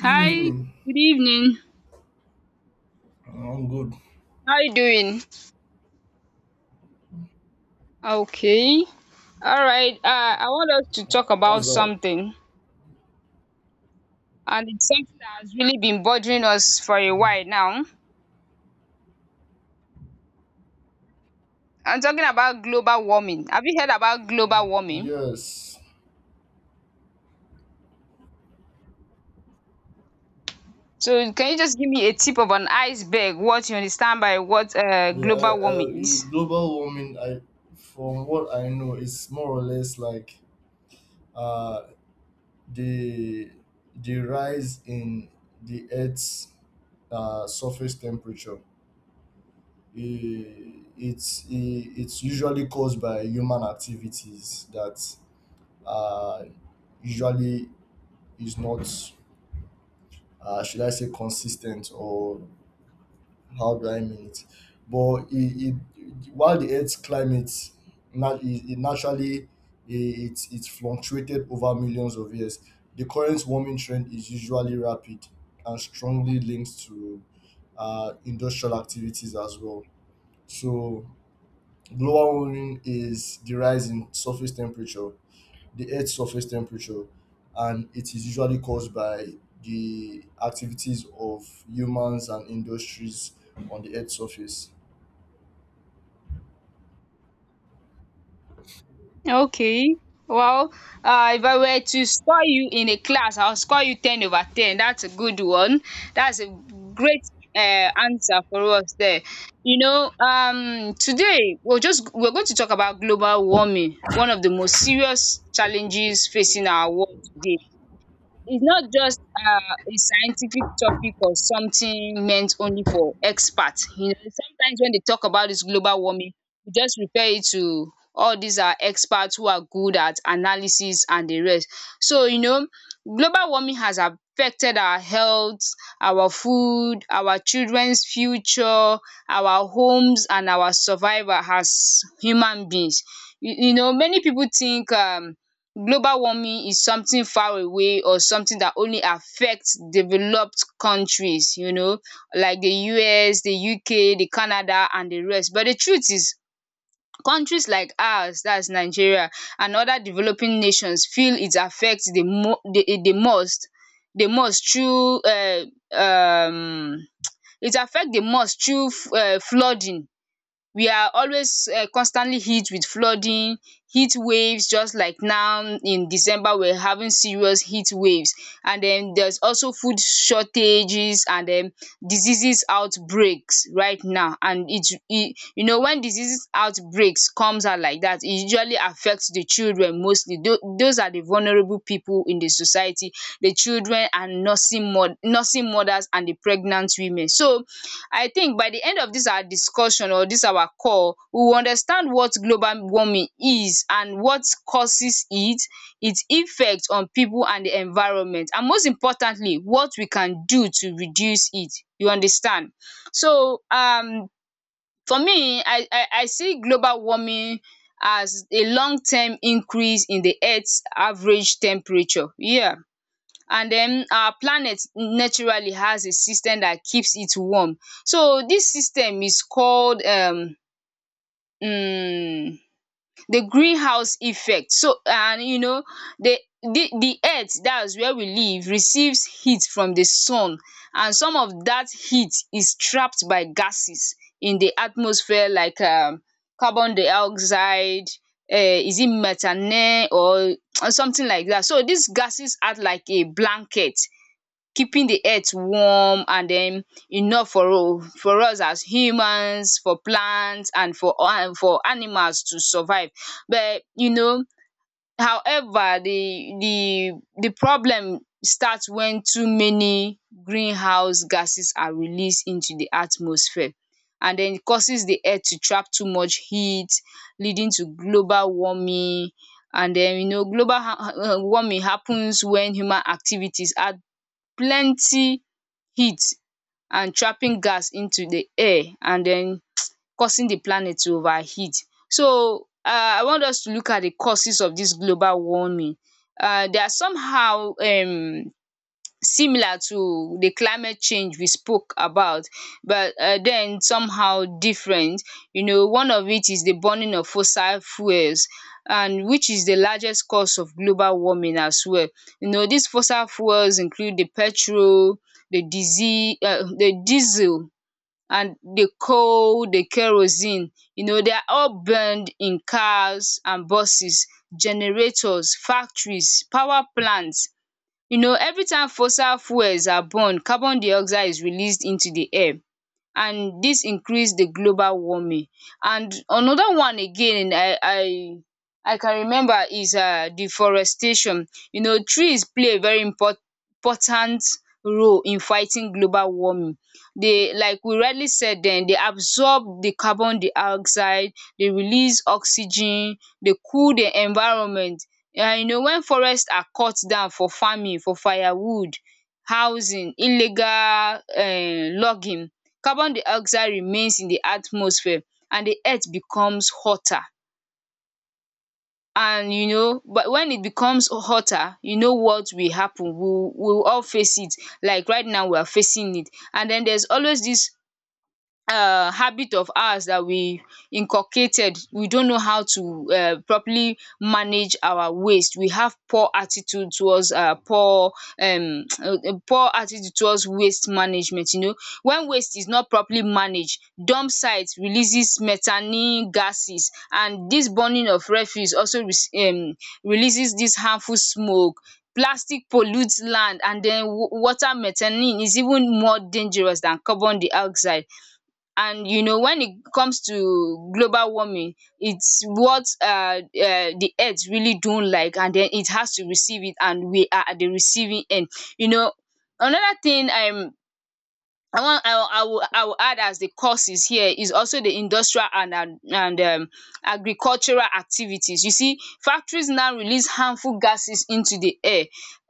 Good Hi, evening. good evening. I'm good. How you doing? Okay. All right. I want us to talk about What's that? something, and it's something that has really been bothering us for a Mm, while now. I'm talking about global warming. Have you heard about global warming? yes. So, can you just give me a tip of an iceberg? What you understand by what Yeah. global warming is? In global warming, from what I know, it's more or less like uh, the the rise in the Earth's surface temperature. It's usually caused by human activities that uh, usually is not, should I say, consistent, or how do I mean it? But it while the Earth's climate nat- it naturally it's fluctuated over millions of years, the current warming trend is usually rapid and strongly linked to industrial activities as well. So global warming is the rise in surface temperature, the Earth's surface temperature, and it is usually caused by the activities of humans and industries on the Earth's surface. Okay. Well, if I were to score you in a class, I'll score you 10 over 10. That's a good one. That's a great uh, answer for us there. You know, today we're going to talk about global warming, one of the most serious challenges facing our world today. It's not just a scientific topic or something meant only for experts. You know, sometimes when they talk about this global warming, we just refer it to all these are experts who are good at analysis and the rest. So, you know, global warming has affected our health, our food, our children's future, our homes and our survival as human beings. You know, many people think global warming is something far away or something that only affects developed countries, you know, like the US, the UK, the Canada and the rest. But the truth is countries like ours, that's Nigeria, and other developing nations feel it affect the most through um it affect the most through flooding. We are always constantly hit with flooding, heat waves, just like now in December we are having serious heat waves, and then there's also food shortages, and then diseases outbreaks right now. And it e you know, when diseases outbreaks comes out like dat e usually affects the children mostly. Those are the vulnerable people in the society, the children and nursing mothers and the pregnant women. So I think by the end of dis our discussion or dis our call, we will understand what global warming is and what causes it, its effect on pipu and the environment, and most importantly what we can do to reduce it. You understand? So for me, I see global warming as a long term increase in the earth average temperature. Yeah. And then our planet naturally has a system that keeps it warm. So this system is called um the greenhouse effect. So, and you know, the earth, that's where we live, receives heat from the sun, and some of that heat is trapped by gases in the atmosphere like carbon dioxide, is it methane or something like that. So these gases act like a blanket, keeping the earth warm and then enough for for us as humans, for plants and for for animals to survive. But you know, however the problem starts when too many greenhouse gases are released into the atmosphere, and den causes the earth to trap too much heat, leading to global warming. And then you know, global warming happens when human activities add plenty heat and trapping gas into the air and then causing the planet to overheat. So I want us to look at the causes of dis global warming. There are somehow similar to the climate change we spoke about, but then somehow different. You know, one of it is the burning of fossil fuels, and which is the largest cause of global warming as well. You know, these fossil fuels include the petrol, the diesel, and the coal, the kerosene. You know, they are all burned in cars and buses, generators, factories, power plants. You know, every time fossil fuels are burned, carbon dioxide is released into di air, and dis increase the global warming. And another one again, I can remember is deforestation. You know, trees play a very important role in fighting global warming. They, like we rightly said, dem dey absorb the carbon dioxide, dey release oxygen, dey cool the environment. And you know, when forest are cut down for farming, for firewood, housing, illegal logging, carbon dioxide remains in the atmosphere and the earth becomes hotter. And you know, but when it becomes hotter, you know what will happen. We will all face it, like right now we are facing it. And then there's always this habit of ours that we inculcated. We don't know how to properly manage our waste. We have poor attitude towards poor poor attitude towards waste management. You know, when waste is not properly managed, dump sites releases methane gases, and this burning of refuse also releases this harmful smoke. Plastic pollutes land and then water. Methane is even more dangerous than carbon dioxide, and you know, when it comes to global warming, it's what the earth really don't like, and then it has to receive it and we are at the receiving end. You know, another thing, I wan I will I will I will add as the causes here is also the industrial and agricultural activities. You see, factories now release harmful gases into the air.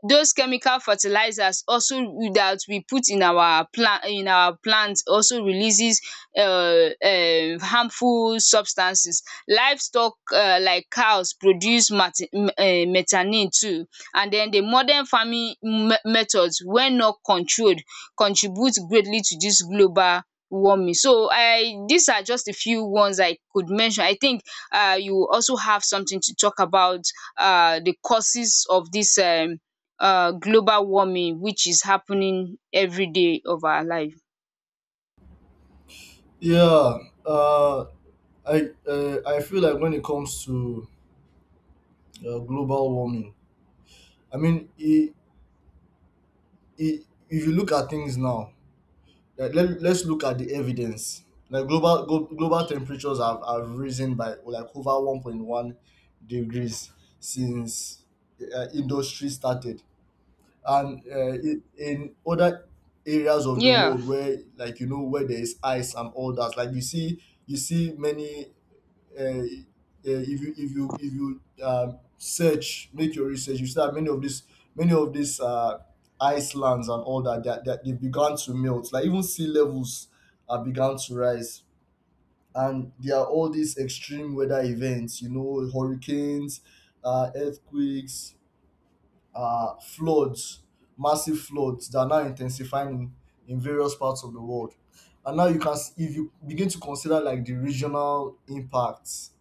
Those chemical fertilizers also, that we put in our plants, also releases harmful substances. Livestock like cows produce mate methane too. And then the modern farming methods, when not controlled, contribute greatly to this global warming. So I these are just a few ones I could mention. I think you will also have something to talk about, the causes of this global warming, which is happening every day of our life. Yeah, uh, I feel like when it comes to global warming, I mean, I if you look at things now, like, let's look at the evidence. Like global temperatures have risen by like over 1.1 degrees since industry started, and in other areas of the Yeah. world where, like, you know, where there is ice and all that, like, you see many if you search, make your research, you see that many of these many of these uh, icelands and all that, that they began to melt, like, even sea levels began to rise, and there are all these extreme weather events, you know, hurricanes, earthquakes, floods, massive floods that are now intensifying in, various parts of the world. And now if you begin to consider, like, the regional impacts,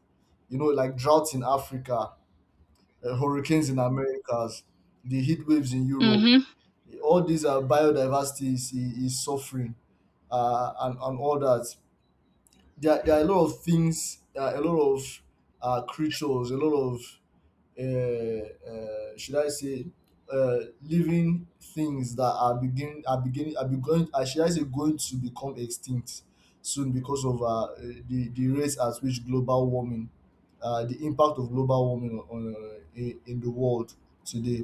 you know, like droughts in Africa, hurricanes in Americas, the heat waves in Europe, Mm-hmm. all these are, biodiversity is suffering, and all that. There are a lot of things, a lot of creatures, a lot of should I say living things that are beginning, should I say, going to become extinct soon because of the rate at which global warming, the impact of global warming on, in the world today.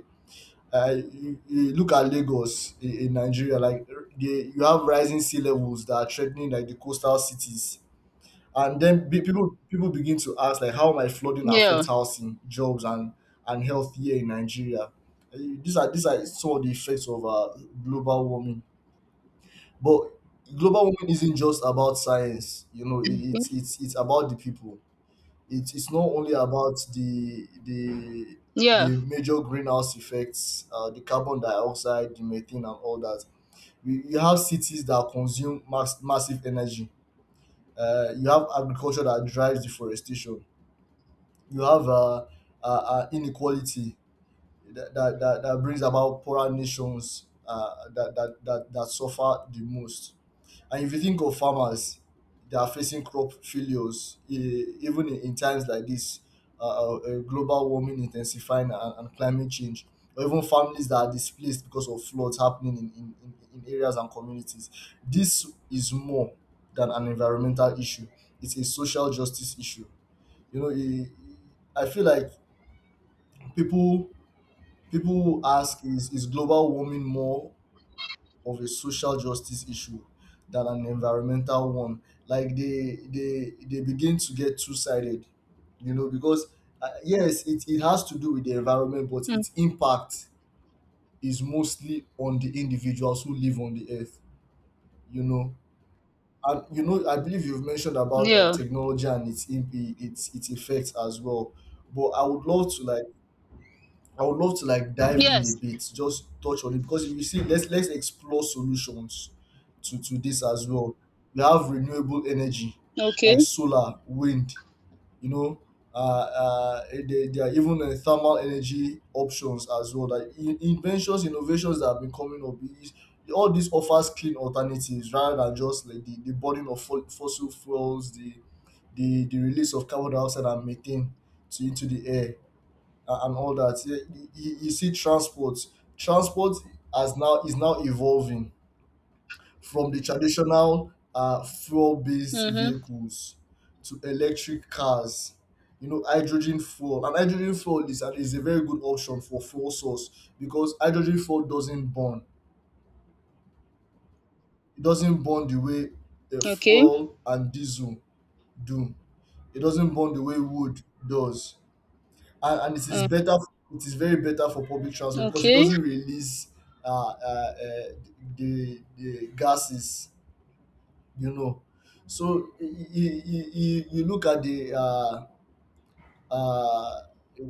You look at Lagos in, Nigeria. Like, you have rising sea levels that are threatening, like, the coastal cities, and then people begin to ask, like, how might flooding Yeah. affect housing, jobs, and health here in Nigeria? Eh, these are some of the effects of global warming. But global warming isn't just about science, you know, it's about the people. It's not only about the the Yeah. major greenhouse effects, the carbon dioxide, the methane, and all that. You have cities that consume massive energy. You have agriculture that drives deforestation. You have inequality that brings about poorer nations, that suffer the most. And if you think of farmers, they are facing crop failures even in, times like this, global warming intensifying, and climate change, or even families that are displaced because of floods happening in, in areas and communities. This is more than an environmental issue, it's a social justice issue. You know, I feel like, People people ask, is global warming more of a social justice issue than an environmental one? Like, they begin to get two sided, you know, because yes, it has to do with the environment, but Mm. its impact is mostly on the individuals who live on the earth, you know. And you know, I believe you've mentioned about, like, Yeah. technology and its its effects as well. But I would love to, like, dive in a Yes. bit, just touch on it, because if you see, let's explore solutions to this as well. We have renewable energy, like Okay. solar, wind, you know. There are even thermal energy options as well. Like, inventions, innovations that have been coming up, is, all this offers clean alternatives rather than just, like, the burden of fossil fuels, the release of carbon dioxide and methane to into the air, and all that. Yeah. You see, transport as now is now evolving from the traditional fuel-based Mm-hmm. vehicles to electric cars. You know, hydrogen fuel, and hydrogen fuel is a very good option for fuel source, because hydrogen fuel doesn't burn. It doesn't burn the way a Okay. fuel and diesel do. It doesn't burn the way wood does, and it is Uh, better, it is very better for public transport, because it okay. doesn't release uh, uh, uh, the gases you know so you look at the uh,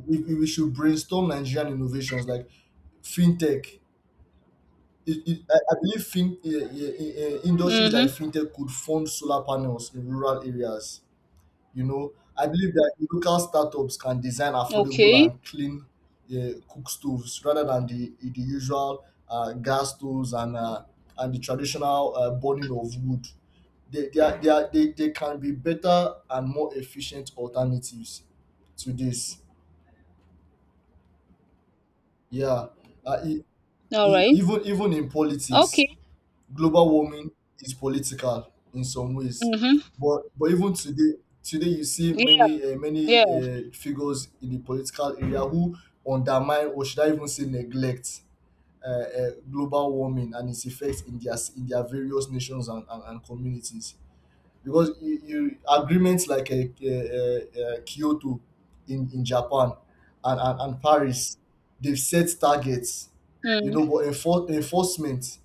we should brainstorm Nigerian innovations like fintech. I believe industries like Mm-hmm. fintech could fund solar panels in rural areas. You know, I believe that local startups can design affordable Okay. and clean cook stoves rather than the usual gas stoves, and the traditional burning of wood. They, are, they, are, They can be better and more efficient alternatives to this. Yeah, uh, e- All right. Even in politics, Okay. global warming is political in some ways, Mm-hmm. but even today today you see Yeah. many many Yeah. Figures in the political area who undermine or should I even say neglect, global warming and its effects in their various nations and communities, because you agreements like Kyoto in, Japan, and, and Paris, they've set targets, you Mm. know, but enfor- enforcement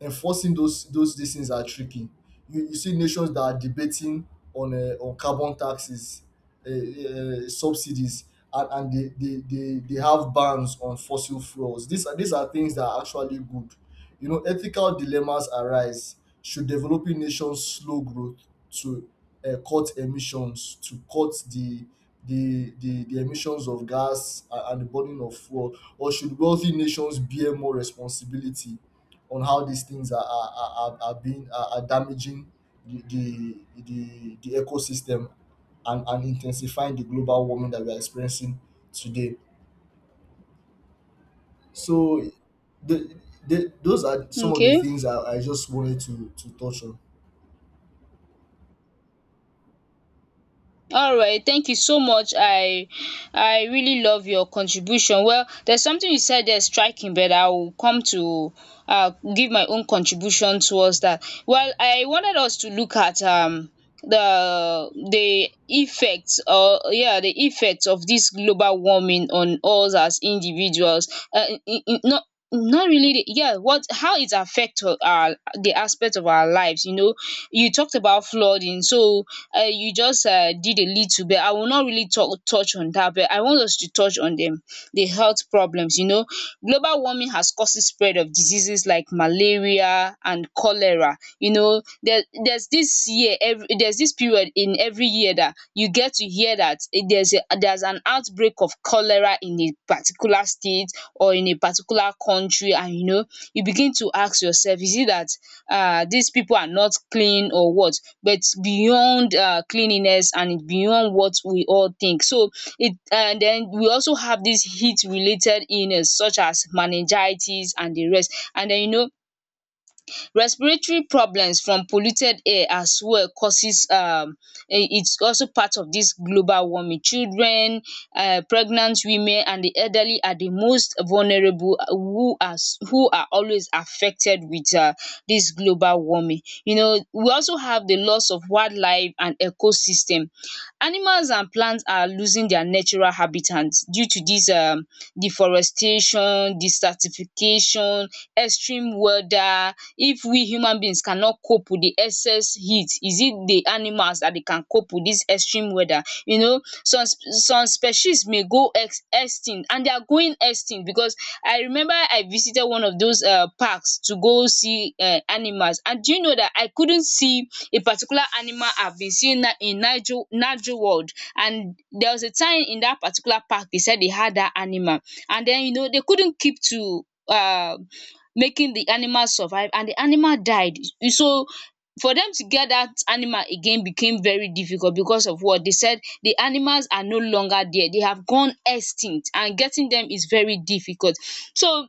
enforcing those these things are tricky. You see nations that are debating on, carbon taxes, subsidies, and, they, they have bans on fossil fuels. These are things that are actually good. You know, ethical dilemmas arise. Should developing nations slow growth to cut emissions, to cut the the emissions of gas, and the burning of fuel, or should wealthy nations bear more responsibility on how these things are damaging the ecosystem, and intensifying the global warming that we are experiencing today. So the, the those are some of the Okay. things I just wanted to touch on. All right. Thank you so much. I really love your contribution. Well, there's something you said there striking, but I will come to give my own contribution towards that. Well, I wanted us to look at the effects, or yeah, the effects of this global warming on us as individuals, not not really the, yeah, what how it affects our the aspect of our lives. You know, you talked about flooding, so you just did a little bit. I will not really talk touch on that, but I want us to touch on them the health problems. You know, global warming has caused the spread of diseases like malaria and cholera. You know, there's this period in every year that you get to hear that eh, there's an outbreak of cholera in a particular state or in a particular country. And you know, you begin to ask yourself, is it that these people are not clean or what? But beyond cleanliness and beyond what we all think. So it and then we also have these heat related illness such as meningitis and the rest. And then you know, respiratory problems from polluted air as well causes it's also part of this global warming. Children, pregnant women and the elderly are the most vulnerable, who are always affected with this global warming. You know, we also have the loss of wildlife and ecosystem. Animals and plants are losing their natural habitats due to this deforestation, desertification, extreme weather. If we human beings cannot cope with the excess heat, is it the animals that they can cope with this extreme weather? You know, some species may go ex extinct, and they are going extinct, because I remember I visited one of those parks to go see animals. And do you know that I couldn't see a particular animal I've been seeing in Nigel world. And there was a time in that particular park they said they had that animal, and then you know, they couldn't keep to um making the animal survive, and the animal died. So for them to get that animal again became very difficult, because of what they said, the animals are no longer there, they have gone extinct, and getting them is very difficult. So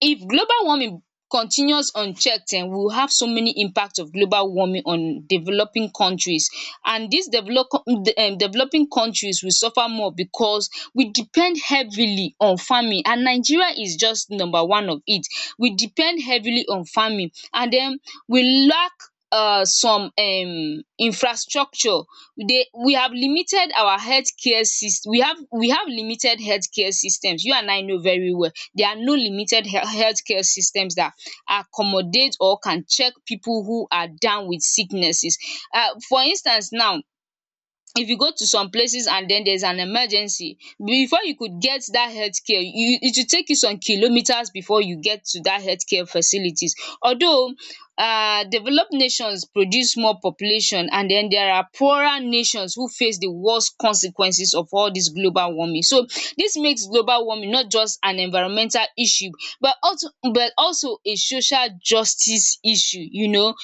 if global warming continues unchecked, we will have so many impact of global warming on developing countries. And dis developing countries will suffer more, because we depend heavily on farming, and Nigeria is just number one of it. We depend heavily on farming, and den we lack some infrastructure. They we have limited our healthcare system. We have limited healthcare systems. You and I know very well there are no limited healthcare systems that accommodate or can check people who are down with sicknesses. For instance now, if you go to some places and then there's an emergency, before you could get that healthcare, you it will take you some kilometers before you get to that healthcare facilities. Although, developed nations produce more population, and then there are poorer nations who face the worst consequences of all this global warming. So this makes global warming not just an environmental issue, but also but also a social justice issue.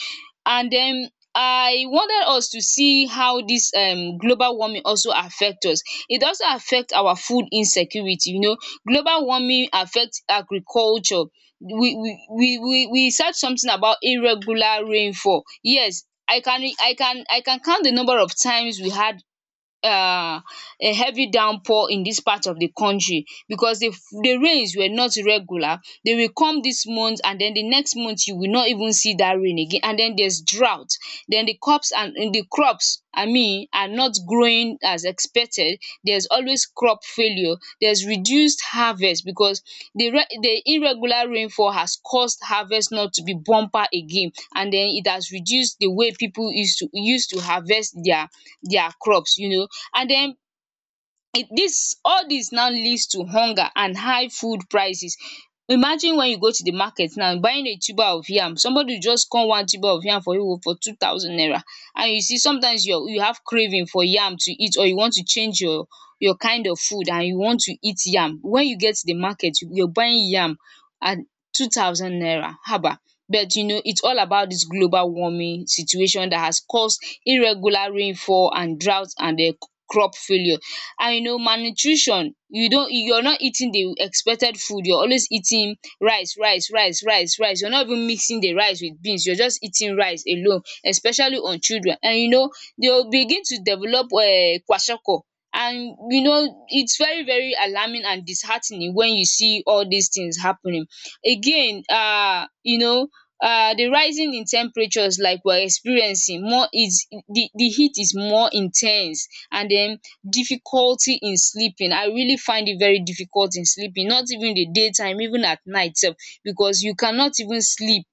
And then I wanted us to see how dis global warming also affect us. It also affect our food insecurity. Global warming affect agriculture. We search something about irregular rainfall. Yes, I can count the number of times we had um a heavy downpour in this part of the country, because the rains were not regular. They will come this month, and then the next month you will not even see that rain again, and then there's drought. Then the crops, I mean, are not growing as expected. There's always crop failure. There's reduced harvest because the irregular rainfall has caused harvest not to be bumper again. And then it has reduced the way people used to harvest their crops, you know. And then this all this now leads to hunger and high food prices. Imagine, when you go to the market now buying a tuber of yam, somebody will just come, one tuber of yam for you oo, for 2,000 naira. And you see, sometimes you have craving for yam to eat, or you want to change your kind of food, and you want to eat yam. When you get to the market, you're buying yam at 2,000 naira, haba. But you know it's all about this global warming situation that has caused irregular rainfall and drought and crop failure. And you know, malnutrition. You're not eating the expected food. You're always eating rice, rice, rice, rice, rice. You're not even mixing the rice with beans. You're just eating rice alone, especially on children. And you know, they will begin to develop kwashiorkor. And you know, it's very, very alarming and disheartening when you see all these things happening. Again, you know, the rising in temperatures, like we're experiencing more is the heat is more intense. And then, difficulty in sleeping. I really find it very difficult in sleeping, not even the daytime, even at night sef, because you cannot even sleep.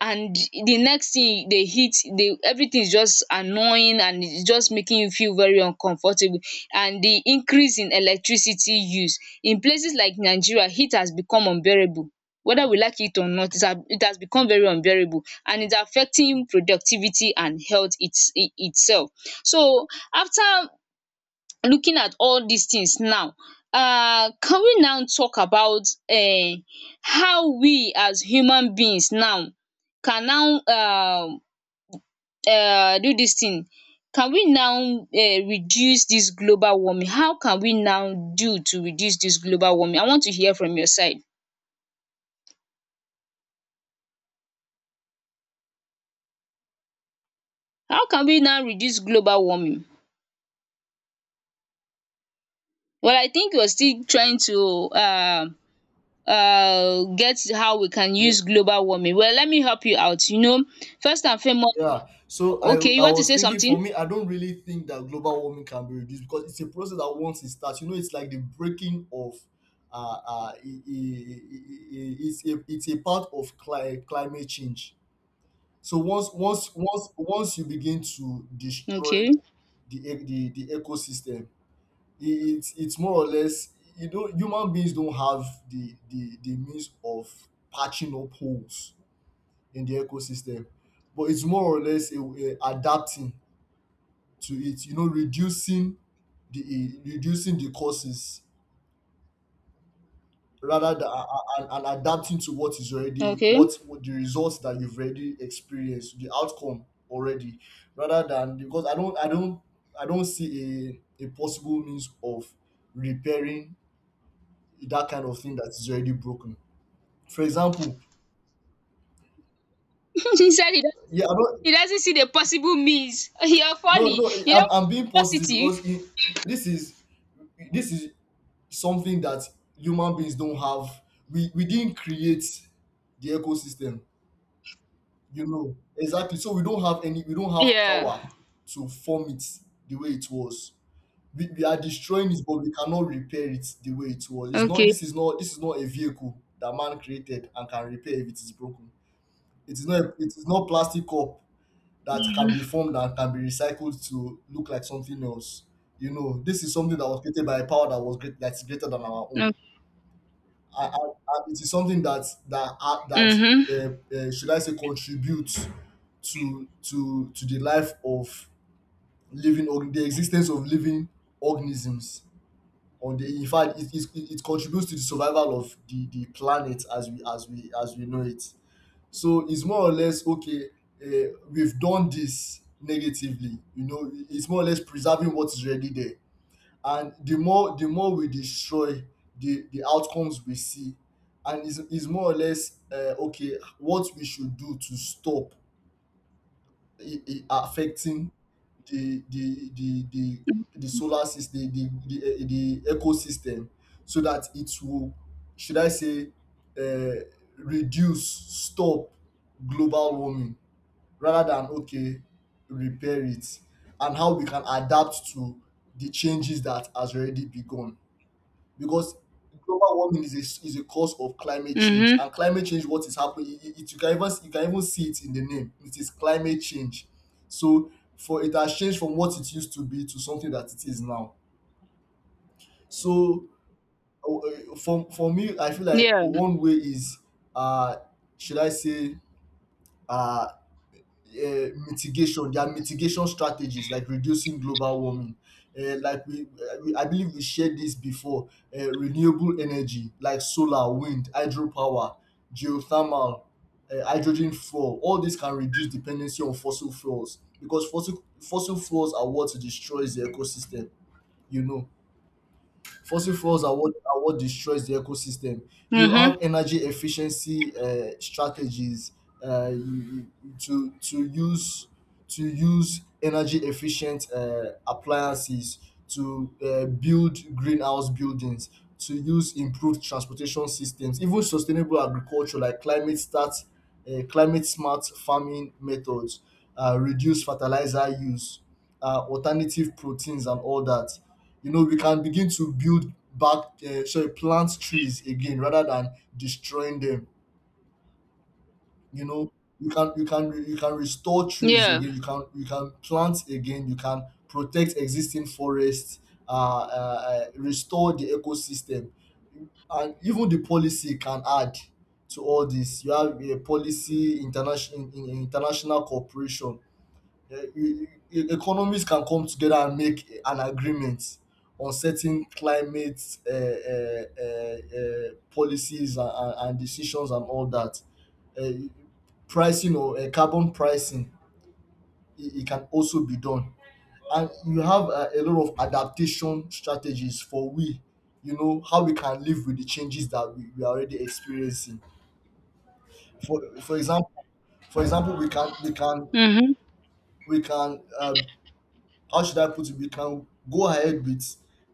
And the next thing dey hit dey, everything is just annoying, and its just making you feel very uncomfortable. And the increase in electricity use. In places like Nigeria, heat has become unbearable. Whether we like it or not, it has become very unbearable, and its affecting productivity and health, itself. So, after looking at all these things now, can we now talk about um how we as human beings now can now do this thing. Can we now reduce this global warming? How can we now do to reduce this global warming? I want to hear from your side. How can we now reduce global warming? Well, I think you're still trying to get how we can Yeah, use global warming. Well, let me help you out, you know. First and foremost. yeah. So I Okay, you I want to was say thinking, for something? me, I don't really think that global warming can be reduced, because it's a process that once it starts, you know, it's like the breaking of I- it's a part of climate change. So once you begin to destroy Okay, the ecosystem, it's more or less, you don't human beings don't have the means of patching up holes in the ecosystem, but it's more or less a adapting to it. You know, reducing the causes rather than, and adapting to what is already, okay. What the results that you've already experienced, the outcome already, rather than, because I don't see a possible means of repairing that kind of thing that is already broken, for example. He said Yeah, I don't. he doesn't see the possible means. You're No, funny. no, You don't want I'm to be being positive, because positive. This is this is something that human beings don't have. We didn't create the ecosystem, you know, exactly, so we don't have Yeah. power to form it the way it was. We are destroying it, but we cannot repair it the way it was. it's not Okay. this is not this is not a vehicle that man created and can repair if it is broken. It is not plastic cup that can be formed and can be recycled to look like something else. You know, this is something that was created by a power that was great, that's greater than our own. No. And it is something that that uh, that Mhm. uh, uh, should I say, contributes to the life of the existence of living organisms. Or the in fact, it contributes to the survival of the planet as we know it. So it's more or less okay. We've done this negatively. It's more or less preserving what is already there, and the more we destroy the outcomes we see, and is more or less okay what we should do to stop it affecting the the the the the solar system, the ecosystem, so that it will, should I say uh, reduce, stop global warming, rather than, okay, repair it, and how we can adapt to the changes that has already begun. Because global warming is is a cause of climate change, Mhm. and climate change, what is happening, you can even, you can even see it in the name, it is climate change. So for it has changed from what it used to be to something that it is now. So for me, I feel like Yeah. one way is, uh should I say uh mitigation, their mitigation strategies like reducing global warming. Like we, I believe we shared this before, renewable energy like solar, wind, hydro power, geothermal, hydrogen fuel, all these can reduce dependency on fossil fuels, because fossil fuels are what destroys the ecosystem, you know. Fossil fuels are what destroys the ecosystem. You have Mhm. energy efficiency strategies, uh, you, you- to use to use energy efficient appliances, to build greenhouse buildings, to use improved transportation systems, even sustainable agriculture, like climate smart farming methods, reduce fertilizer use, alternative proteins and all that. You know, we can begin to build back, sorry, plant trees again rather than destroying them. You know, you can restore trees Yeah. again. You can plant again. You can protect existing forests. Uh, restore the ecosystem, and even the policy can add to all this. You have a policy, in international cooperation. The economies can come together and make an agreement on certain climate policies and decisions and all that. Uh, pricing or carbon pricing, it can also be done. And you have a lot of adaptation strategies for we, you know, how we can live with the changes that we are already experiencing. For, for example, for example, we can we can Mhm. we can how should I put it? We can go ahead with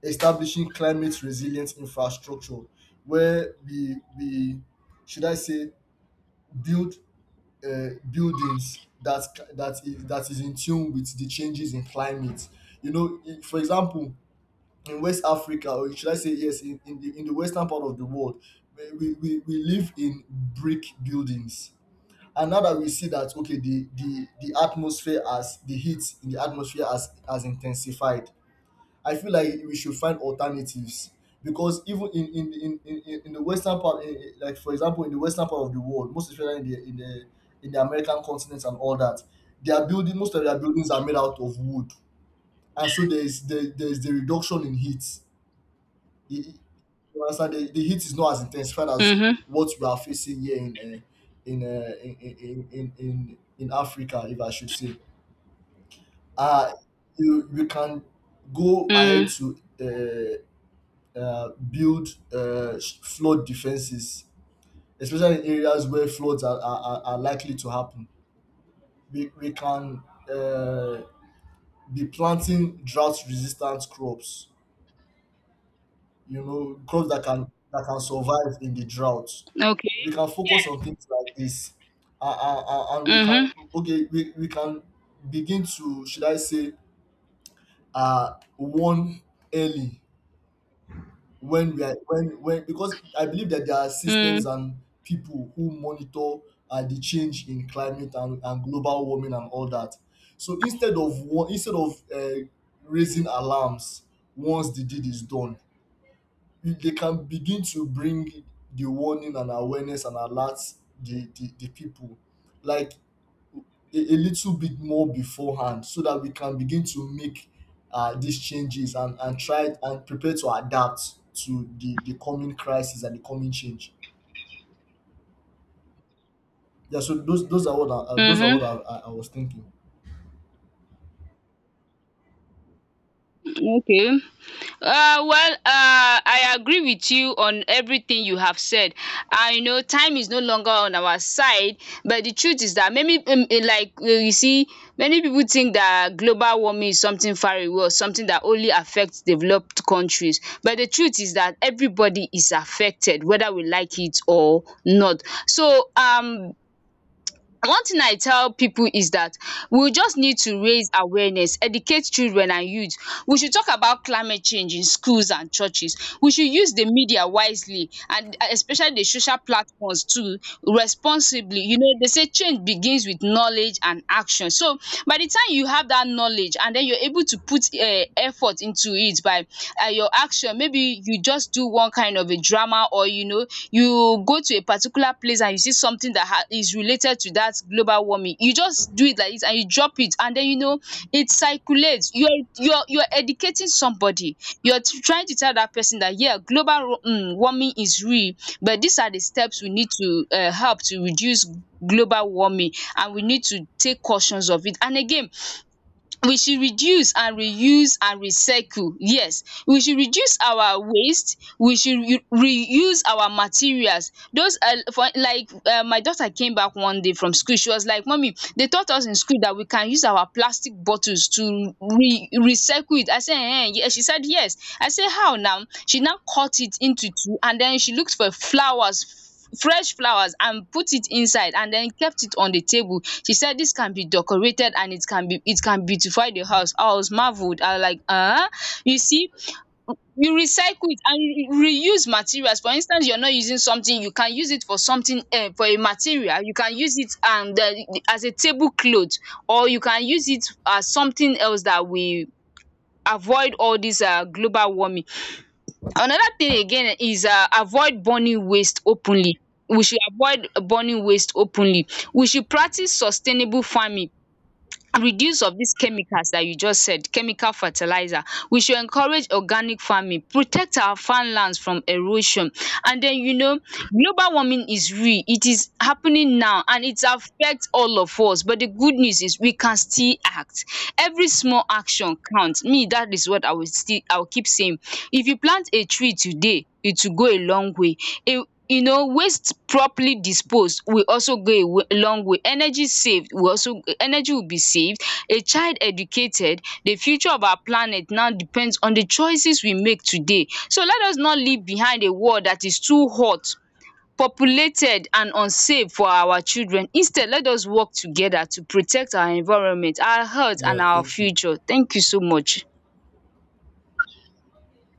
establishing climate resilient infrastructure where we should I say build buildings that that is in tune with the changes in climate. You know, for example, in West Africa, or should I say, yes, in the western part of the world, we live in brick buildings. And now that we see that, okay, the atmosphere, as the heat in the atmosphere has intensified, I feel like we should find alternatives, because even in the western part, like for example, in the western part of the world, most especially in the American continent and all that, their building most of their buildings are made out of wood, and so there is the reduction in heat. It- it- you understand? The heat is not as intensified as Mhm. what we are facing here in in Africa, if I should say. Uh you you can go ahead Mm. to uh, build flood defenses, especially in areas where floods are likely to happen. We can uh, be planting drought resistant crops. You know, crops that can survive in the drought. Okay. We can focus Yeah. on things like this. And we can, Mhm. okay, we can begin to, should I say warn early when we are when Because I believe that there are systems Mm. and people who monitor the change in climate and global warming and all that. So instead of raising alarms once the deed is done, they can begin to bring the warning and awareness and alerts the people. Like a little bit more beforehand, so that we can begin to make these changes and try and prepare to adapt to the coming crisis and the coming change. Yeah, so those are what I, those are what Mhm. I I was thinking. Okay. Well, I agree with you on everything you have said. You know, time is no longer on our side, but the truth is that maybe, like, you see, many people think that global warming is something far away or something that only affects developed countries. But the truth is that everybody is affected, whether we like it or not. So, one thing I tell people is that we just need to raise awareness, educate children and youth. We should talk about climate change in schools and churches. We should use the media wisely and, especially the social platforms too, responsibly. You know, they say change begins with knowledge and action. So, by the time you have that knowledge and then you're able to put effort into it by your action. Maybe you just do one kind of a drama, or you know, you go to a particular place and you see something that ha is related to that global warming. You just do it like this and you drop it, and then you know, it circulates. You're educating somebody. Trying to tell that person that yeah, global warming is real, but these are the steps we need to help to reduce global warming. And we need to take cautions of it. And again, we should reduce and reuse and recycle. Yes, we should reduce our waste. We should u reuse our materials. Those for like, my daughter came back one day from school. She was like, mummy, they taught us in school that we can use our plastic bottles to re recycle it. I say, yes. She said yes. I say, how now? She now cut it into two and then she looked for flowers, fresh flowers, and put it inside and then kept it on the table. She said, "This can be decorated, and it can beautify the house." I was marveled. I was like, you see, you recycle it and you reuse materials. For instance, you're not using something, you can use it for something, for a material you can use it, and as a tablecloth, or you can use it as something else, that we avoid all dis global warming. Another thing again is, avoid burning waste openly. We should avoid burning waste openly. We should practice sustainable farming, reduce of dis chemicals dat you just said, chemical fertilizer. We should encourage organic farming, protect our farmlands from erosion. And den you know, global warming is real, it is happening now, and it affect all of us. But the good news is we can still act. Every small action count, me dat is what I will keep saying. If you plant a tree today, it will go a long way. You know, waste properly disposed will also go a way long way. Energy will be saved. A child educated, the future of our planet now depends on the choices we make today. So let us not leave behind a world that is too hot, populated, and unsafe for our children. Instead, let us work together to protect our environment, our health, Yeah, and our thank you. future. Thank you so much.